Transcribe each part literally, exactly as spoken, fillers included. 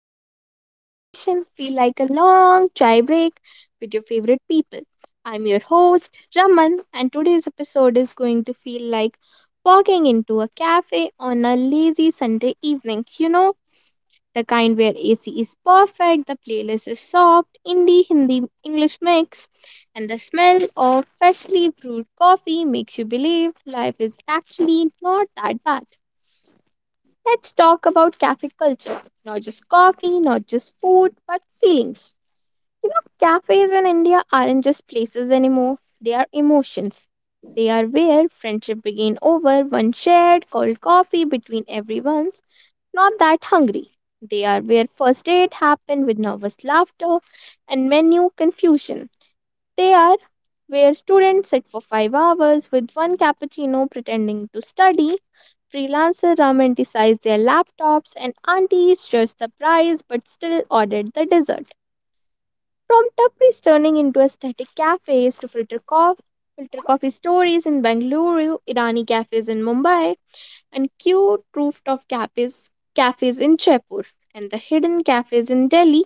place where conversation feel like a long chai break with your favorite people. I'm your host, Raman, and today's episode is going to feel like walking into a cafe on a lazy Sunday evening. You know, the kind where A C is perfect, the playlist is soft, indie, Hindi, English mix, and the smell of freshly brewed coffee makes you believe life is actually not that bad. Let's talk about cafe culture. Not just coffee, not just food, but feelings. You know, cafes in India aren't just places anymore, they are emotions. They are where friendship began over one shared cold coffee between everyone's not that hungry. They are where first date happened with nervous laughter and menu confusion. They are where students sit for five hours with one cappuccino pretending to study. Freelancers romanticized their laptops and aunties judge the price but still ordered the dessert. From Tapris turning into aesthetic cafes to filter coffee, filter coffee stories in Bengaluru, Irani cafes in Mumbai, and cute rooftop cafes, cafes in Jaipur, and the hidden cafes in Delhi,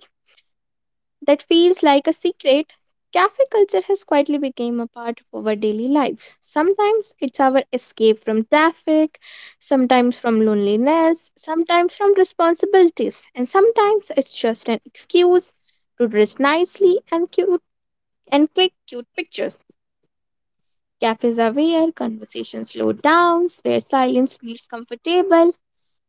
that feels like a secret, cafe culture has quietly become a part of our daily lives. Sometimes it's our escape from traffic, sometimes from loneliness, sometimes from responsibilities, and sometimes it's just an excuse to dress nicely and cute and click cute pictures. Cafes are where conversations slow down, where silence feels comfortable,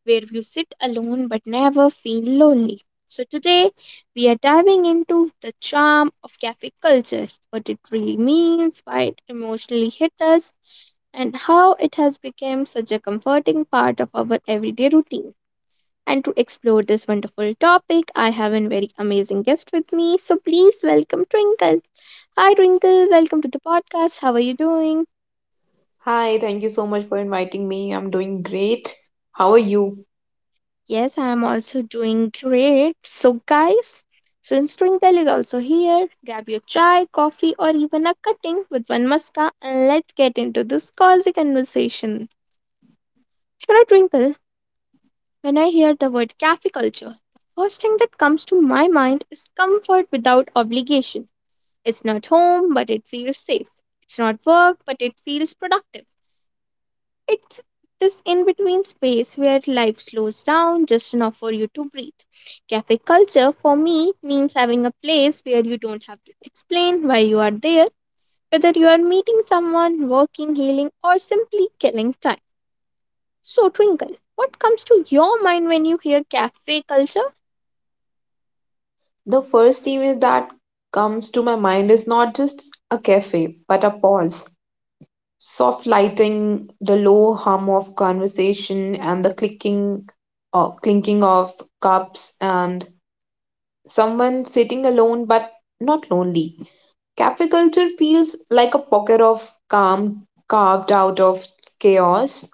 where you sit alone but never feel lonely. So, today we are diving into the charm of cafe culture, what it really means, why it emotionally hit us, and how it has become such a comforting part of our everyday routine. And to explore this wonderful topic, I have a very amazing guest with me. So, please welcome Twinkle. Hi, Twinkle. Welcome to the podcast. How are you doing? Hi, thank you so much for inviting me. I'm doing great. How are you? Yes, I'm also doing great. So, guys, since Twinkle is also here, grab your chai, coffee, or even a cutting with one muska and let's get into this cozy conversation. You know, Twinkle, when I hear the word cafe culture, the first thing that comes to my mind is comfort without obligation. It's not home, but it feels safe. It's not work, but it feels productive. It's this in between space where life slows down just enough for you to breathe. Cafe culture for me means having a place where you don't have to explain why you are there, whether you are meeting someone, working, healing, or simply killing time. So, Twinkle, what comes to your mind when you hear cafe culture? The first image that comes to my mind is not just a cafe, but a pause. Soft lighting, the low hum of conversation, and the clicking of clinking of cups, and someone sitting alone but not lonely. Cafe culture feels like a pocket of calm carved out of chaos.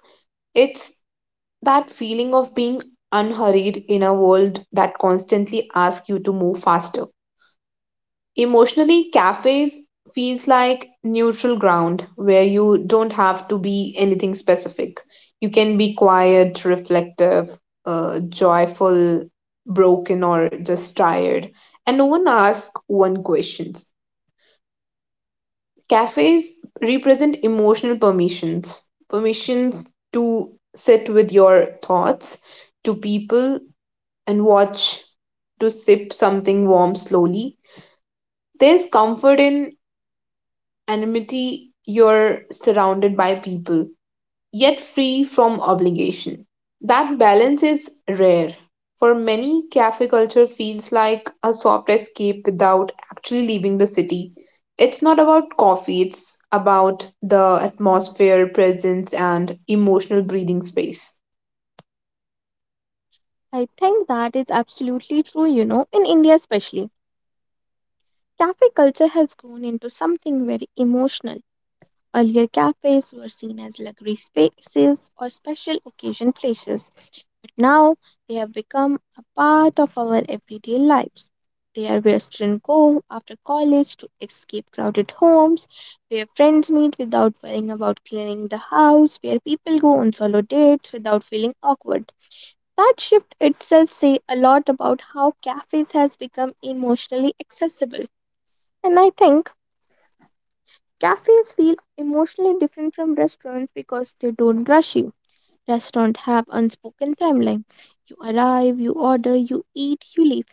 It's that feeling of being unhurried in a world that constantly asks you to move faster. Emotionally, cafes feels like neutral ground where you don't have to be anything specific. You can be quiet, reflective, uh, joyful, broken, or just tired, and no one asks one questions. Cafes represent emotional permissions, permission to sit with your thoughts, to people and watch to sip something warm slowly. There's comfort in anonymity, you're surrounded by people, yet free from obligation. That balance is rare. For many, cafe culture feels like a soft escape without actually leaving the city. It's not about coffee, it's about the atmosphere, presence, and emotional breathing space. I think that is absolutely true, you know, in India especially. Cafe culture has grown into something very emotional. Earlier, cafes were seen as luxury spaces or special occasion places, but now they have become a part of our everyday lives. They are where students go after college to escape crowded homes, where friends meet without worrying about cleaning the house, where people go on solo dates without feeling awkward. That shift itself say a lot about how cafes has become emotionally accessible. And I think cafes feel emotionally different from restaurants because they don't rush you. Restaurants have unspoken timeline. You arrive, you order, you eat, you leave.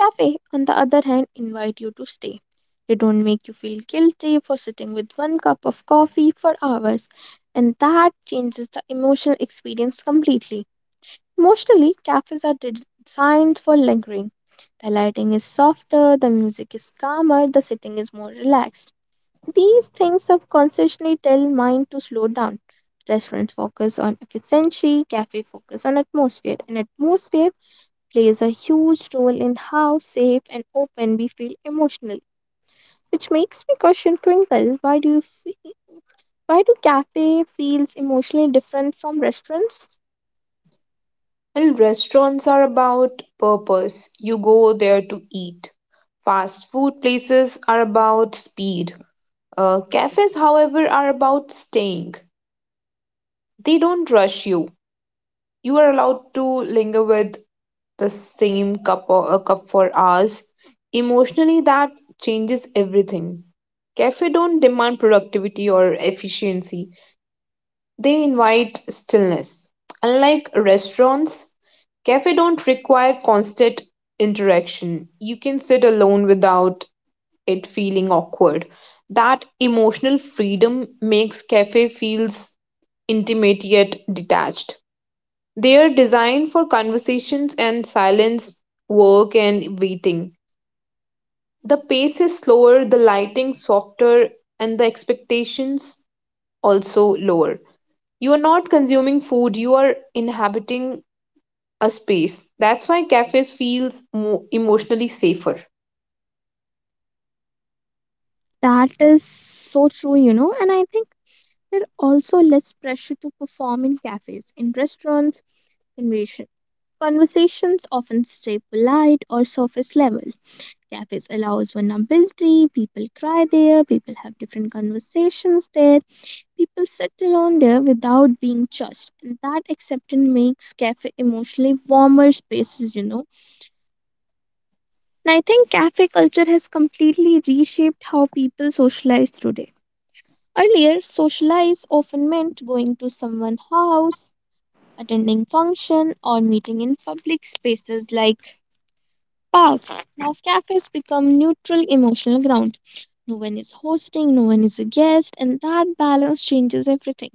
Cafe, on the other hand, invite you to stay. They don't make you feel guilty for sitting with one cup of coffee for hours, and that changes the emotional experience completely. Emotionally, cafes are de- designed for lingering. The lighting is softer, the music is calmer, the sitting is more relaxed. These things subconsciously tell mind to slow down. Restaurants focus on efficiency, cafe focus on atmosphere, and atmosphere plays a huge role in how safe and open we feel emotionally. Which makes me question Twinkle, why do you feel, why do cafe feels emotionally different from restaurants? Well, restaurants are about purpose. You go there to eat. Fast food places are about speed. Uh, cafes, however, are about staying. They don't rush you. You are allowed to linger with the same cup or a cup for hours. Emotionally, that changes everything. Cafe don't demand productivity or efficiency. They invite stillness. Unlike restaurants, cafes don't require constant interaction. You can sit alone without it feeling awkward. That emotional freedom makes cafe feels intimate yet detached. They are designed for conversations and silence, work and waiting. The pace is slower, the lighting softer, and the expectations also lower. You are not consuming food, you are inhabiting a space. That's why cafes feels mo- emotionally safer. That is so true, you know, and I think there are also less pressure to perform in cafes. In restaurants, conversation conversations often stay polite or surface level. Cafes allows vulnerability, people cry there, people have different conversations there, people sit alone there without being judged. And that acceptance makes cafe emotionally warmer spaces, you know. And I think cafe culture has completely reshaped how people socialize today. Earlier, socialize often meant going to someone's house, attending function or meeting in public spaces like parks. Now cafes become neutral emotional ground. No one is hosting, no one is a guest, and that balance changes everything.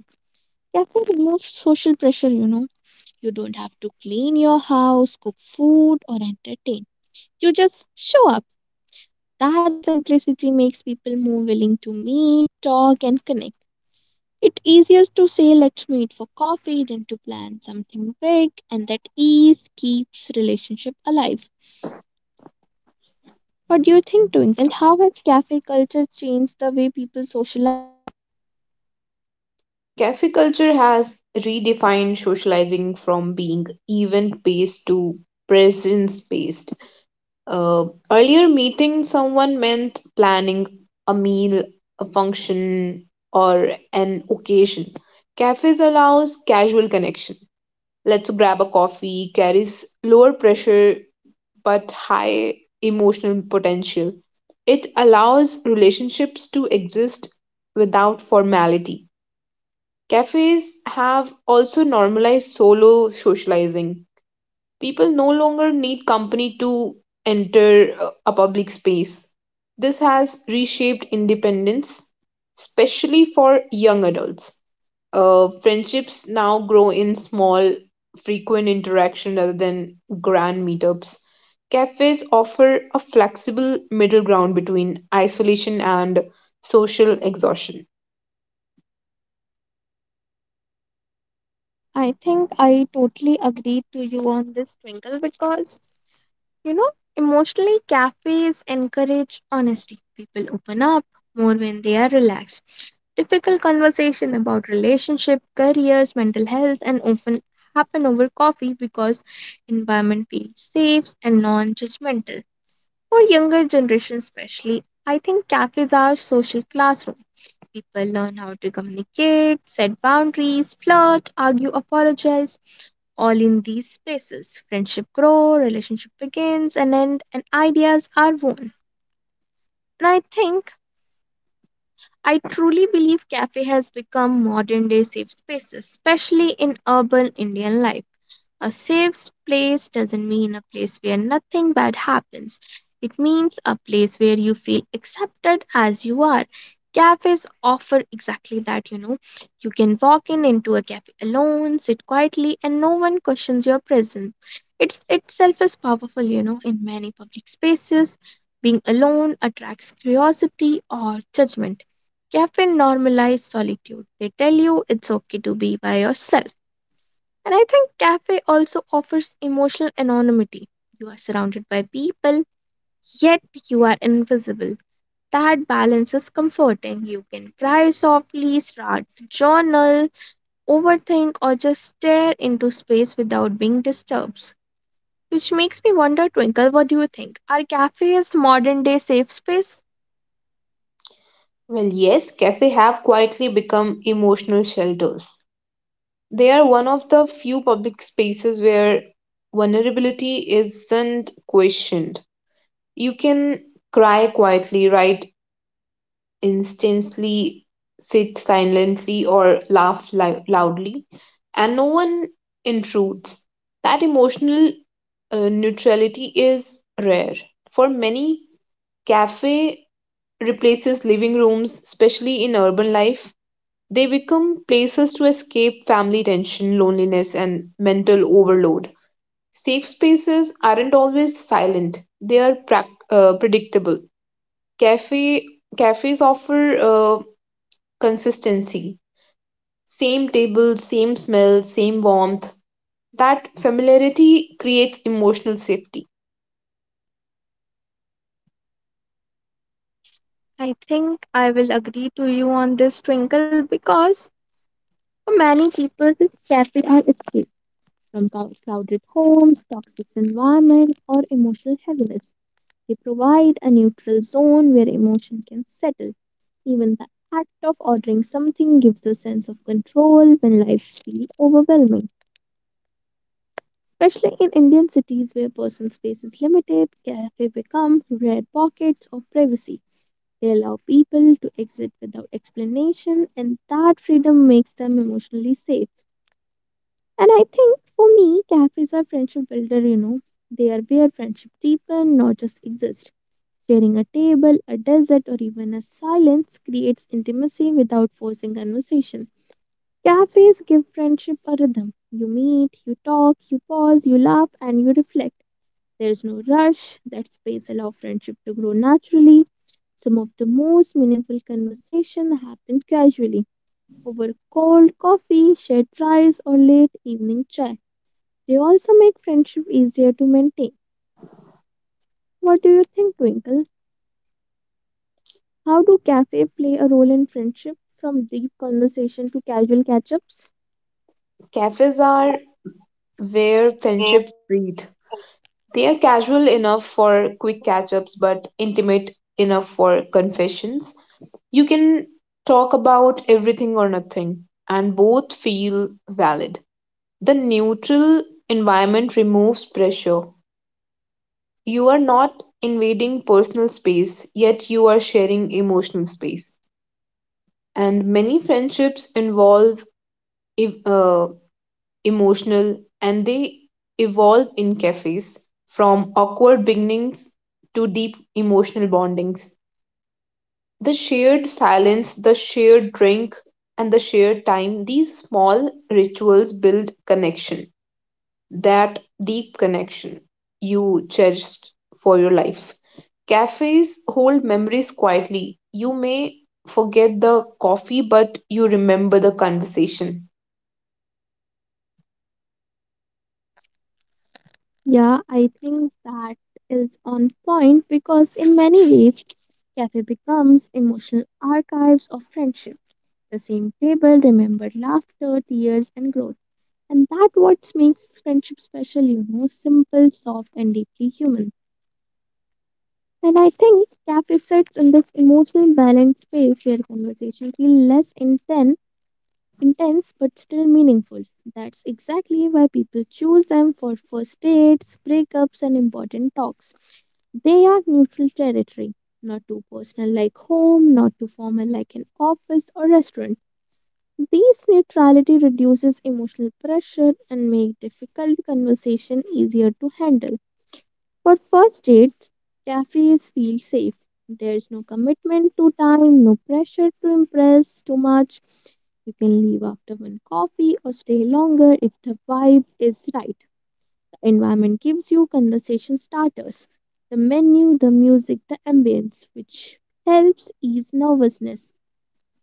Cafe removes social pressure, you know. You don't have to clean your house, cook food, or entertain. You just show up. That simplicity makes people more willing to meet, talk, and connect. It's easier to say let's meet for coffee than to plan something big, and that ease keeps relationship alive. What do you think, Twinkle? How has cafe culture changed the way people socialize? Cafe culture has redefined socializing from being event based to presence based. Uh, Earlier, meeting someone meant planning a meal, a function, or an occasion. Cafes allows casual connection. Let's grab a coffee carries lower pressure but high emotional potential. It allows relationships to exist without formality. Cafes have also normalized solo socializing. People no longer need company to enter uh, a public space. This has reshaped independence, especially for young adults uh, friendships now grow in small, frequent interaction rather than grand meetups. Cafes offer a flexible middle ground between isolation and social exhaustion. I think I totally agree to you on this, Twinkle, because you know, emotionally, cafes encourage honesty. People open up more when they are relaxed. Difficult conversation about relationship, careers, mental health, and often happen over coffee because environment feels safe and non-judgmental. For younger generation especially, I think cafes are social classrooms. People learn how to communicate, set boundaries, flirt, argue, apologize. All in these spaces, friendship grow, relationship begins and end, and ideas are born. And I think I truly believe cafe has become modern day safe spaces, especially in urban Indian life. A safe place doesn't mean a place where nothing bad happens. It means a place where you feel accepted as you are. Cafes offer exactly that, you know. You can walk in into a cafe alone, sit quietly, and no one questions your presence. It's itself is powerful, you know, in many public spaces. Being alone attracts curiosity or judgment. Cafe normalize solitude. They tell you it's okay to be by yourself. And I think cafe also offers emotional anonymity. You are surrounded by people, yet you are invisible. That balance is comforting. You can cry softly, start to journal, overthink, or just stare into space without being disturbed. Which makes me wonder, Twinkle, what do you think? Are cafes modern day safe space? Well, yes, cafes have quietly become emotional shelters. They are one of the few public spaces where vulnerability isn't questioned. You can cry quietly, write instantly sit silently or laugh li- loudly, and no one intrudes. That emotional uh, neutrality is rare. For many, cafe replaces living rooms, especially in urban life. They become places to escape family tension, loneliness, and mental overload. Safe spaces aren't always silent; they are prac uh, predictable. Cafe cafes offer uh, consistency. Same table, same smell, same warmth. That familiarity creates emotional safety. I think I will agree to you on this, Twinkle, because for many people, this cafe are escape from clou- crowded homes, toxic environment, or emotional heaviness. They provide a neutral zone where emotion can settle. Even the act of ordering something gives a sense of control when lives feel overwhelming. Especially in Indian cities where personal space is limited, cafes become rare pockets of privacy. They allow people to exit without explanation, and that freedom makes them emotionally safe. And I think for me, cafes are friendship builder, you know. They are where friendship deepen, not just exist. Sharing a table, a dessert, or even a silence creates intimacy without forcing conversation. Cafes give friendship a rhythm. You meet, you talk, you pause, you laugh, and you reflect. There's no rush. That space allows friendship to grow naturally. Some of the most meaningful conversation happen casually over cold coffee, shared fries, or late evening chat. They also make friendship easier to maintain. What do you think, Twinkle? How do cafe play a role in friendship from deep conversation to casual catch-ups? Cafes are where friendships breathe. They are casual enough for quick catch ups, but intimate enough for confessions. You can talk about everything or nothing, and both feel valid. The neutral environment removes pressure. You are not invading personal space, yet you are sharing emotional space. And many friendships involve e- uh, emotional and they evolve in cafes from awkward beginnings to deep emotional bondings, the shared silence, the shared drink, and the shared time. These small rituals build connection, that deep connection you cherished for your life. Cafes hold memories quietly. You may forget the coffee, but you remember the conversation Yeah, I think that is on point because in many ways cafe becomes emotional archives of friendship. The same table remembered laughter, tears and growth. And that what makes friendship special, you know, simple, soft and deeply human. And I think cafe sits in this emotional balanced space where conversation feel less intense, intense but still meaningful. That's exactly why people choose them for first dates, breakups, and important talks. They are neutral territory, not too personal like home, not too formal like an office or restaurant. This neutrality reduces emotional pressure and make difficult conversation easier to handle. For first dates, cafes feel safe. There's no commitment to time, no pressure to impress too much. You can leave after one coffee or stay longer if the vibe is right. The environment gives you conversation starters, the menu, the music, the ambience, which helps ease nervousness.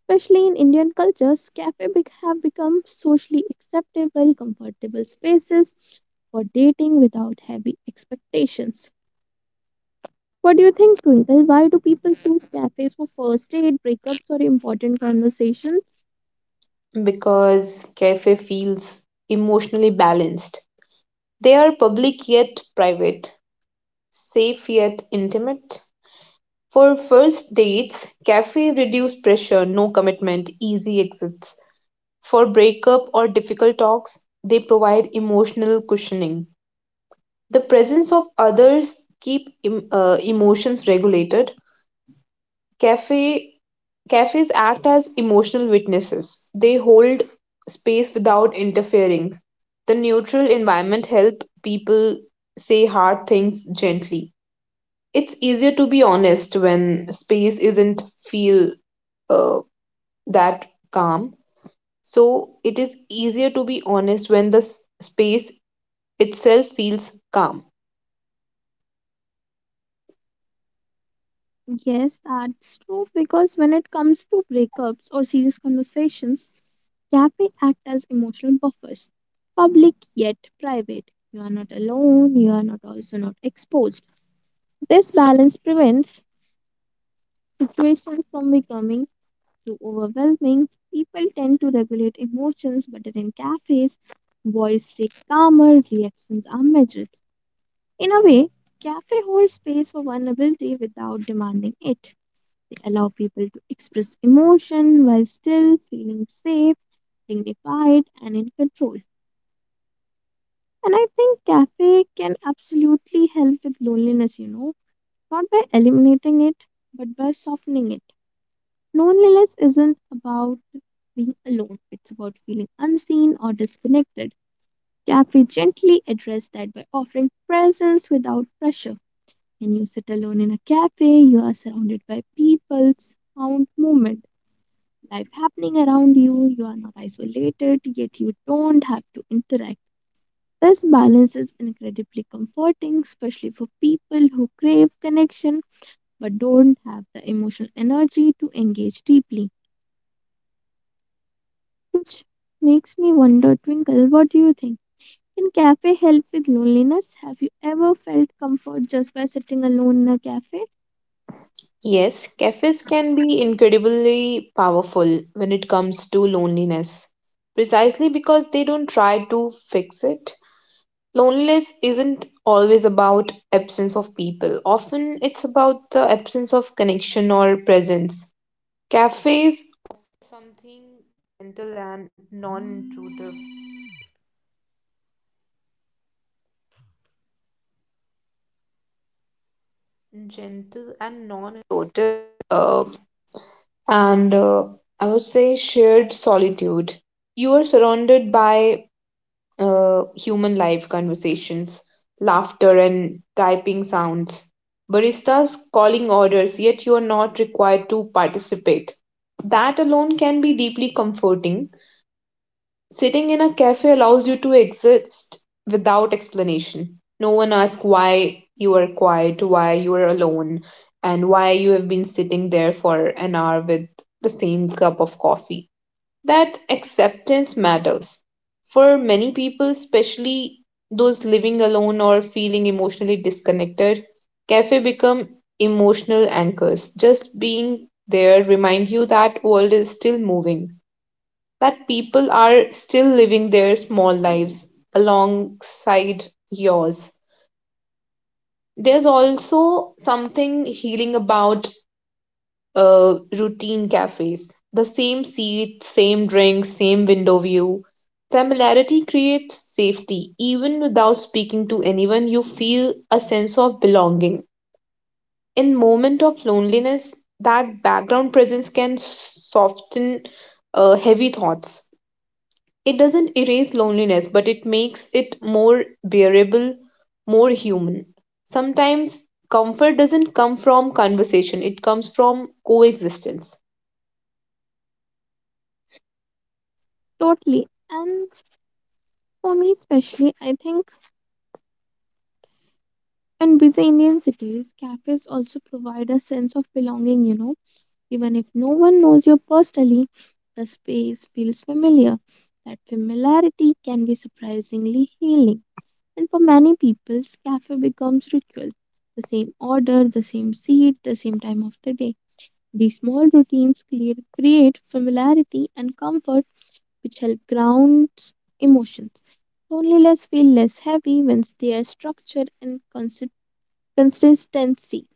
Especially in Indian cultures, cafes have become socially acceptable, comfortable spaces for dating without heavy expectations. What do you think, Twinkle? Why do people choose cafes for first aid, breakups, or important conversations? because cafe feels emotionally balanced. They are public yet private, safe yet intimate. For first dates, cafe reduce pressure, no commitment, easy exits. For breakup or difficult talks, they provide emotional cushioning. The presence of others keep em- uh, emotions regulated. Cafe cafes act as emotional witnesses. They hold space without interfering. The neutral environment help people say hard things gently. It's easier to be honest when space isn't feel uh, that calm. So it is easier to be honest when the s- space itself feels calm. Yes, that's true because when it comes to breakups or serious conversations, cafe act as emotional buffers. Public yet private. You are not alone, you are not also not exposed. This balance prevents situations from becoming too overwhelming. People tend to regulate emotions better in cafes. Voice stay calmer, reactions are measured. In a way, cafe hold space for vulnerability without demanding it. They allow people to express emotion while still feeling safe, dignified, and in control. And I think cafe can absolutely help with loneliness, you know, not by eliminating it, but by softening it. Loneliness isn't about being alone, it's about feeling unseen or disconnected. Cafe gently address that by offering presence without pressure. When you sit alone in a cafe, you are surrounded by people, sound, movement, life happening around you. You are not isolated, yet you don't have to interact. This balance is incredibly comforting, especially for people who crave connection but don't have the emotional energy to engage deeply. Which makes me wonder, Twinkle, what do you think? Can cafe help with loneliness? Have you ever felt comfort just by sitting alone in a cafe? Yes, cafes can be incredibly powerful when it comes to loneliness, precisely because they don't try to fix it. Loneliness isn't always about absence of people. Often it's about the absence of connection or presence. Cafes, I would say, shared solitude. You are surrounded by uh, human life conversations, laughter, and typing sounds. Baristas calling orders, yet you are not required to participate. That alone can be deeply comforting. Sitting in a cafe allows you to exist without explanation. No one asks why you are quiet, why you are alone, and why you have been sitting there for an hour with the same cup of coffee. That acceptance matters. For many people, especially those living alone or feeling emotionally disconnected, cafe become emotional anchors. Just being there remind you that world is still moving, that people are still living their small lives alongside yours. There's also something healing about uh, routine cafes. The same seats, same drinks, same window view. Familiarity creates safety. Even without speaking to anyone, you feel a sense of belonging. In moment of loneliness, that background presence can soften uh, heavy thoughts. It doesn't erase loneliness, but it makes it more bearable, more human. Sometimes comfort doesn't come from conversation, it comes from coexistence. Totally. And For me, especially, I think in busy Indian cities, cafes also provide a sense of belonging, you know. Even if no one knows you personally, the space feels familiar. That familiarity can be surprisingly healing. And for many people, cafe becomes ritual. The same order, the same seat, the same time of the day. These small routines create, create familiarity and comfort which help ground emotions. Loneliness feel less heavy when there's structure and consi- consistency.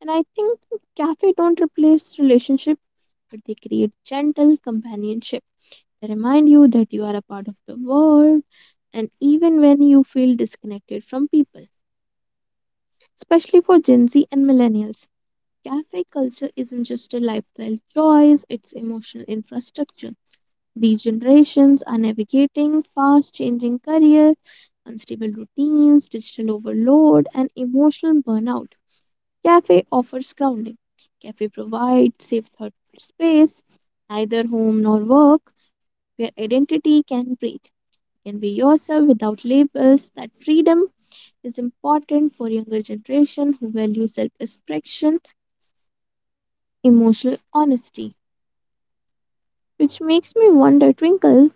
And I think cafe don't replace relationship, but they create gentle companionship. They remind you that you are a part of the world, and even when you feel disconnected from people, especially for Gen Z and millennials, cafe culture isn't just a lifestyle choice; it's emotional infrastructure. These generations are navigating fast changing career, unstable routines, digital overload, and emotional burnout. Cafe offers grounding. Cafe provides safe thought space, neither home nor work, where identity can breathe. You can be yourself without labels. That freedom is important for younger generation who value self-expression, emotional honesty. Which makes me wonder, Twinkle,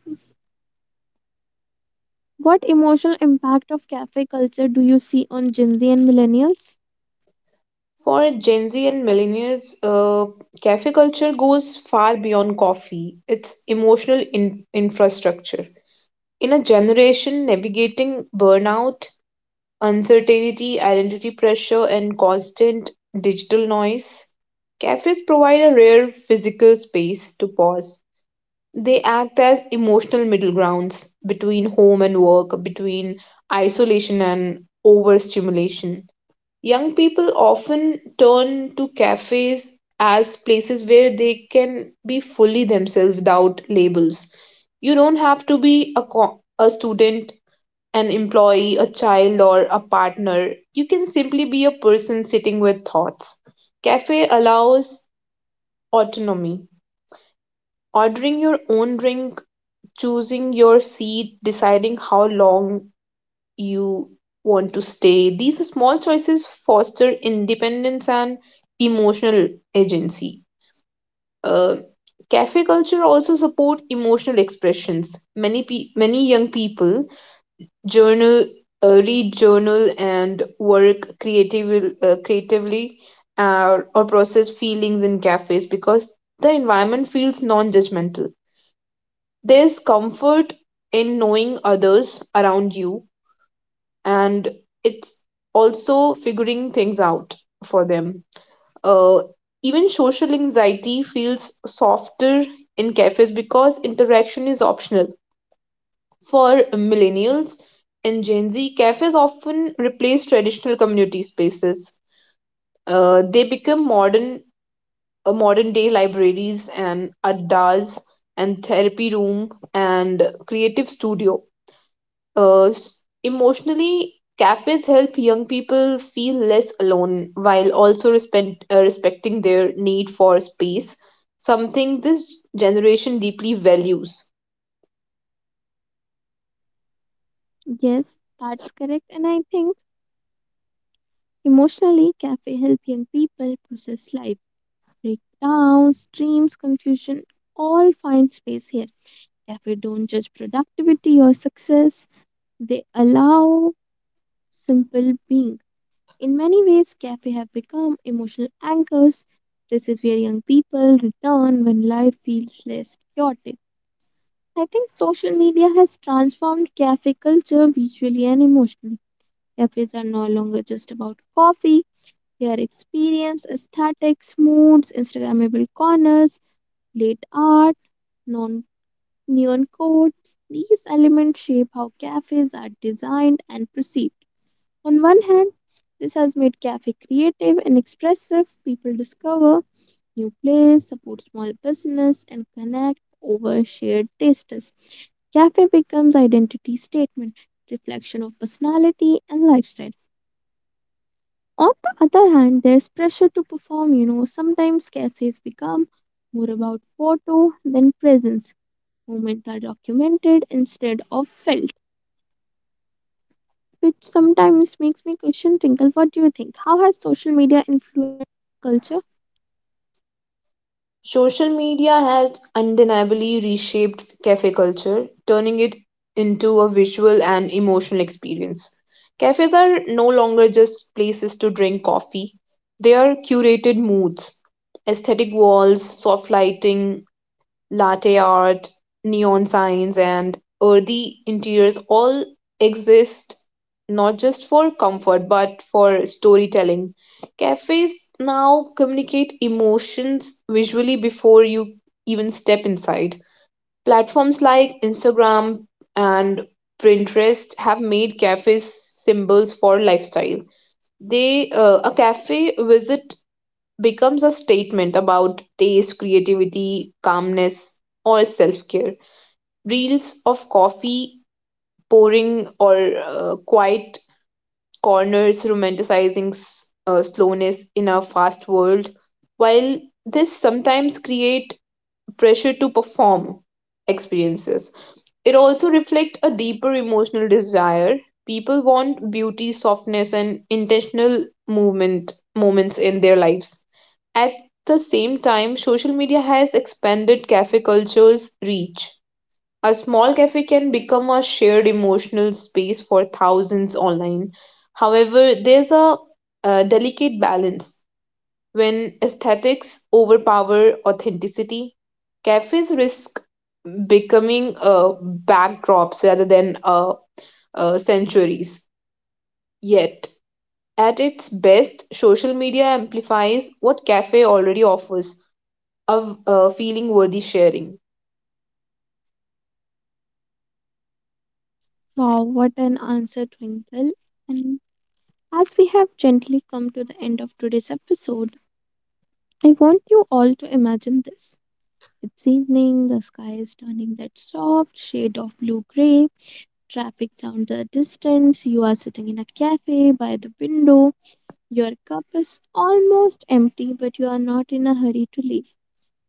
what emotional impact of cafe culture do you see on Gen Z and millennials? For Gen Z and millennials, uh, cafe culture goes far beyond coffee. It's emotional in- infrastructure. In a generation navigating burnout, uncertainty, identity pressure, and constant digital noise, cafes provide a rare physical space to pause. They act as emotional middle grounds between home and work, between isolation and overstimulation. Young people often turn to cafes as places where they can be fully themselves without labels. You don't have to be a, co- a student, an employee, a child, or a partner. You can simply be a person sitting with thoughts. Cafe allows autonomy. Ordering your own drink, choosing your seat, deciding how long you want to stay. These small choices foster independence and emotional agency. Uh, Cafe culture also support emotional expressions. Many pe- many young people journal, uh, read journal and work creative, uh, creatively uh, or process feelings in cafes because the environment feels non-judgmental. There's comfort in knowing others around you, and it's also figuring things out for them. Uh, Even social anxiety feels softer in cafes because interaction is optional. For millennials and Gen Z, cafes often replace traditional community spaces. Uh, they become modern, uh, modern day libraries and addas and therapy room and creative studio. Uh, s- Emotionally, cafes help young people feel less alone while also respect, uh, respecting their need for space, something this generation deeply values. Yes, that's correct. And I think emotionally, cafe help young people process life, breakdowns, dreams, confusion, all find space here. Cafe don't judge productivity or success. They allow simple being. In many ways, cafe have become emotional anchors. This is where young people return when life feels less chaotic. I think social media has transformed cafe culture visually and emotionally. Cafes are no longer just about coffee, they are experience, aesthetics, moods, Instagrammable corners, late art, non neon codes. These elements shape how cafes are designed and perceived. On one hand, this has made cafe creative and expressive. People discover new place, support small business, and connect over shared tastes. Cafe becomes identity statement, reflection of personality and lifestyle. On the other hand, there's pressure to perform. You know, sometimes cafes become more about photo than presence. Moments are documented instead of felt, which sometimes makes me question. Twinkle, what do you think? How has social media influenced culture? Social media has undeniably reshaped cafe culture, turning it into a visual and emotional experience. Cafes are no longer just places to drink coffee, they are curated moods, aesthetic walls, soft lighting, latte art, neon signs, and earthy interiors all exist not just for comfort but for storytelling. Cafes now communicate emotions visually before you even step inside. Platforms like Instagram and Pinterest have made cafes symbols for lifestyle. They uh, a cafe visit becomes a statement about taste, creativity, calmness, or self care. Reels of coffee pouring or uh, quiet corners romanticizing s- uh, slowness in a fast world, while this sometimes create pressure to perform experiences. It also reflects a deeper emotional desire. People want beauty, softness, and intentional movement moments in their lives. At the same time, social media has expanded cafe culture's reach. A small cafe can become a shared emotional space for thousands online. However, there's a, uh delicate balance when aesthetics overpower authenticity. Cafes risk becoming uh, backdrops rather than uh, uh, centuries. Yet, at its best, social media amplifies what cafe already offers, a, a feeling worthy sharing. Wow, what an answer, Twinkle! And As we have gently come to the end of today's episode, I want you all to imagine this. It's evening, the sky is turning that soft shade of blue gray, traffic sounds are distant, you are sitting in a cafe by the window, your cup is almost empty, but you are not in a hurry to leave.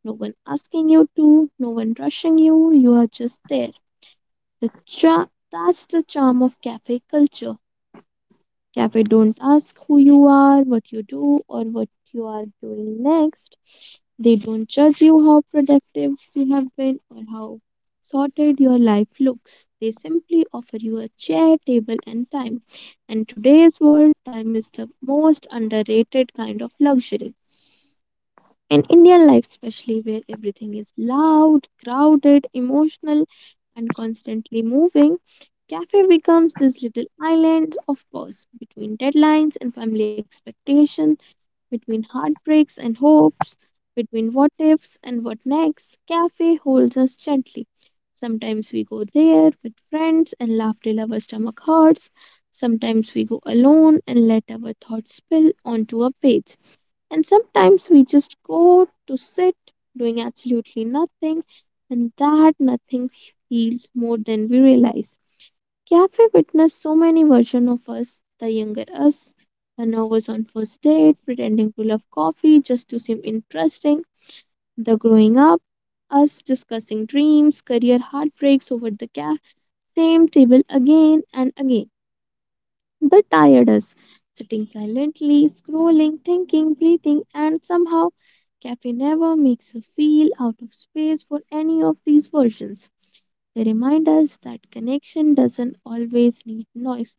No one asking you to, no one rushing you, you are just there. The cha- that's the charm of cafe culture. Cafe don't ask who you are, what you do, or what you are doing next. They don't judge you how productive you have been or how sorted your life looks. They simply offer you a chair, table, and time. In today's world, time is the most underrated kind of luxury. In Indian life, especially where everything is loud, crowded, emotional, and constantly moving, cafe becomes this little island of pause between deadlines and family expectations, between heartbreaks and hopes, between what ifs and what next. Cafe holds us gently. Sometimes we go there with friends and laugh till our stomach hurts. Sometimes we go alone and let our thoughts spill onto a page. And sometimes we just go to sit doing absolutely nothing, and that nothing feels more than we realize. Cafe witnessed so many versions of us, the younger us, the nervous on first date, pretending to love coffee just to seem interesting, the growing up, us discussing dreams, career heartbreaks over the ca- same table again and again, the tired us, sitting silently, scrolling, thinking, breathing, and somehow cafe never makes us feel out of space for any of these versions. They remind us that connection doesn't always need noise.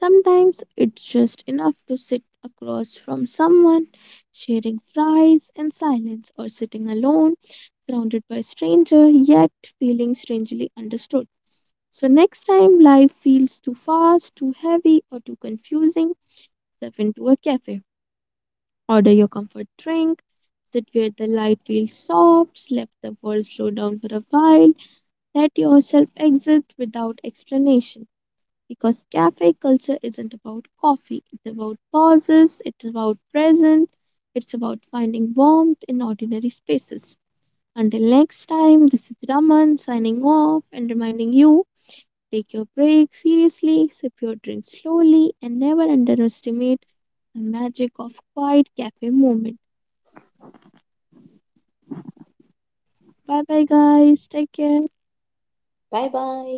Sometimes it's just enough to sit across from someone, sharing fries in silence, or sitting alone, surrounded by strangers, yet feeling strangely understood. So, next time life feels too fast, too heavy, or too confusing, step into a cafe. Order your comfort drink, sit where the light feels soft, let the world slow down for a while, let yourself exist without explanation, because cafe culture isn't about coffee. It's about pauses, it's about presence, it's about finding warmth in ordinary spaces. Until next time, this is Raman signing off and reminding you, take your break seriously, sip your drink slowly, and never underestimate the magic of quiet cafe moment. Bye bye, guys. Take care. Bye bye.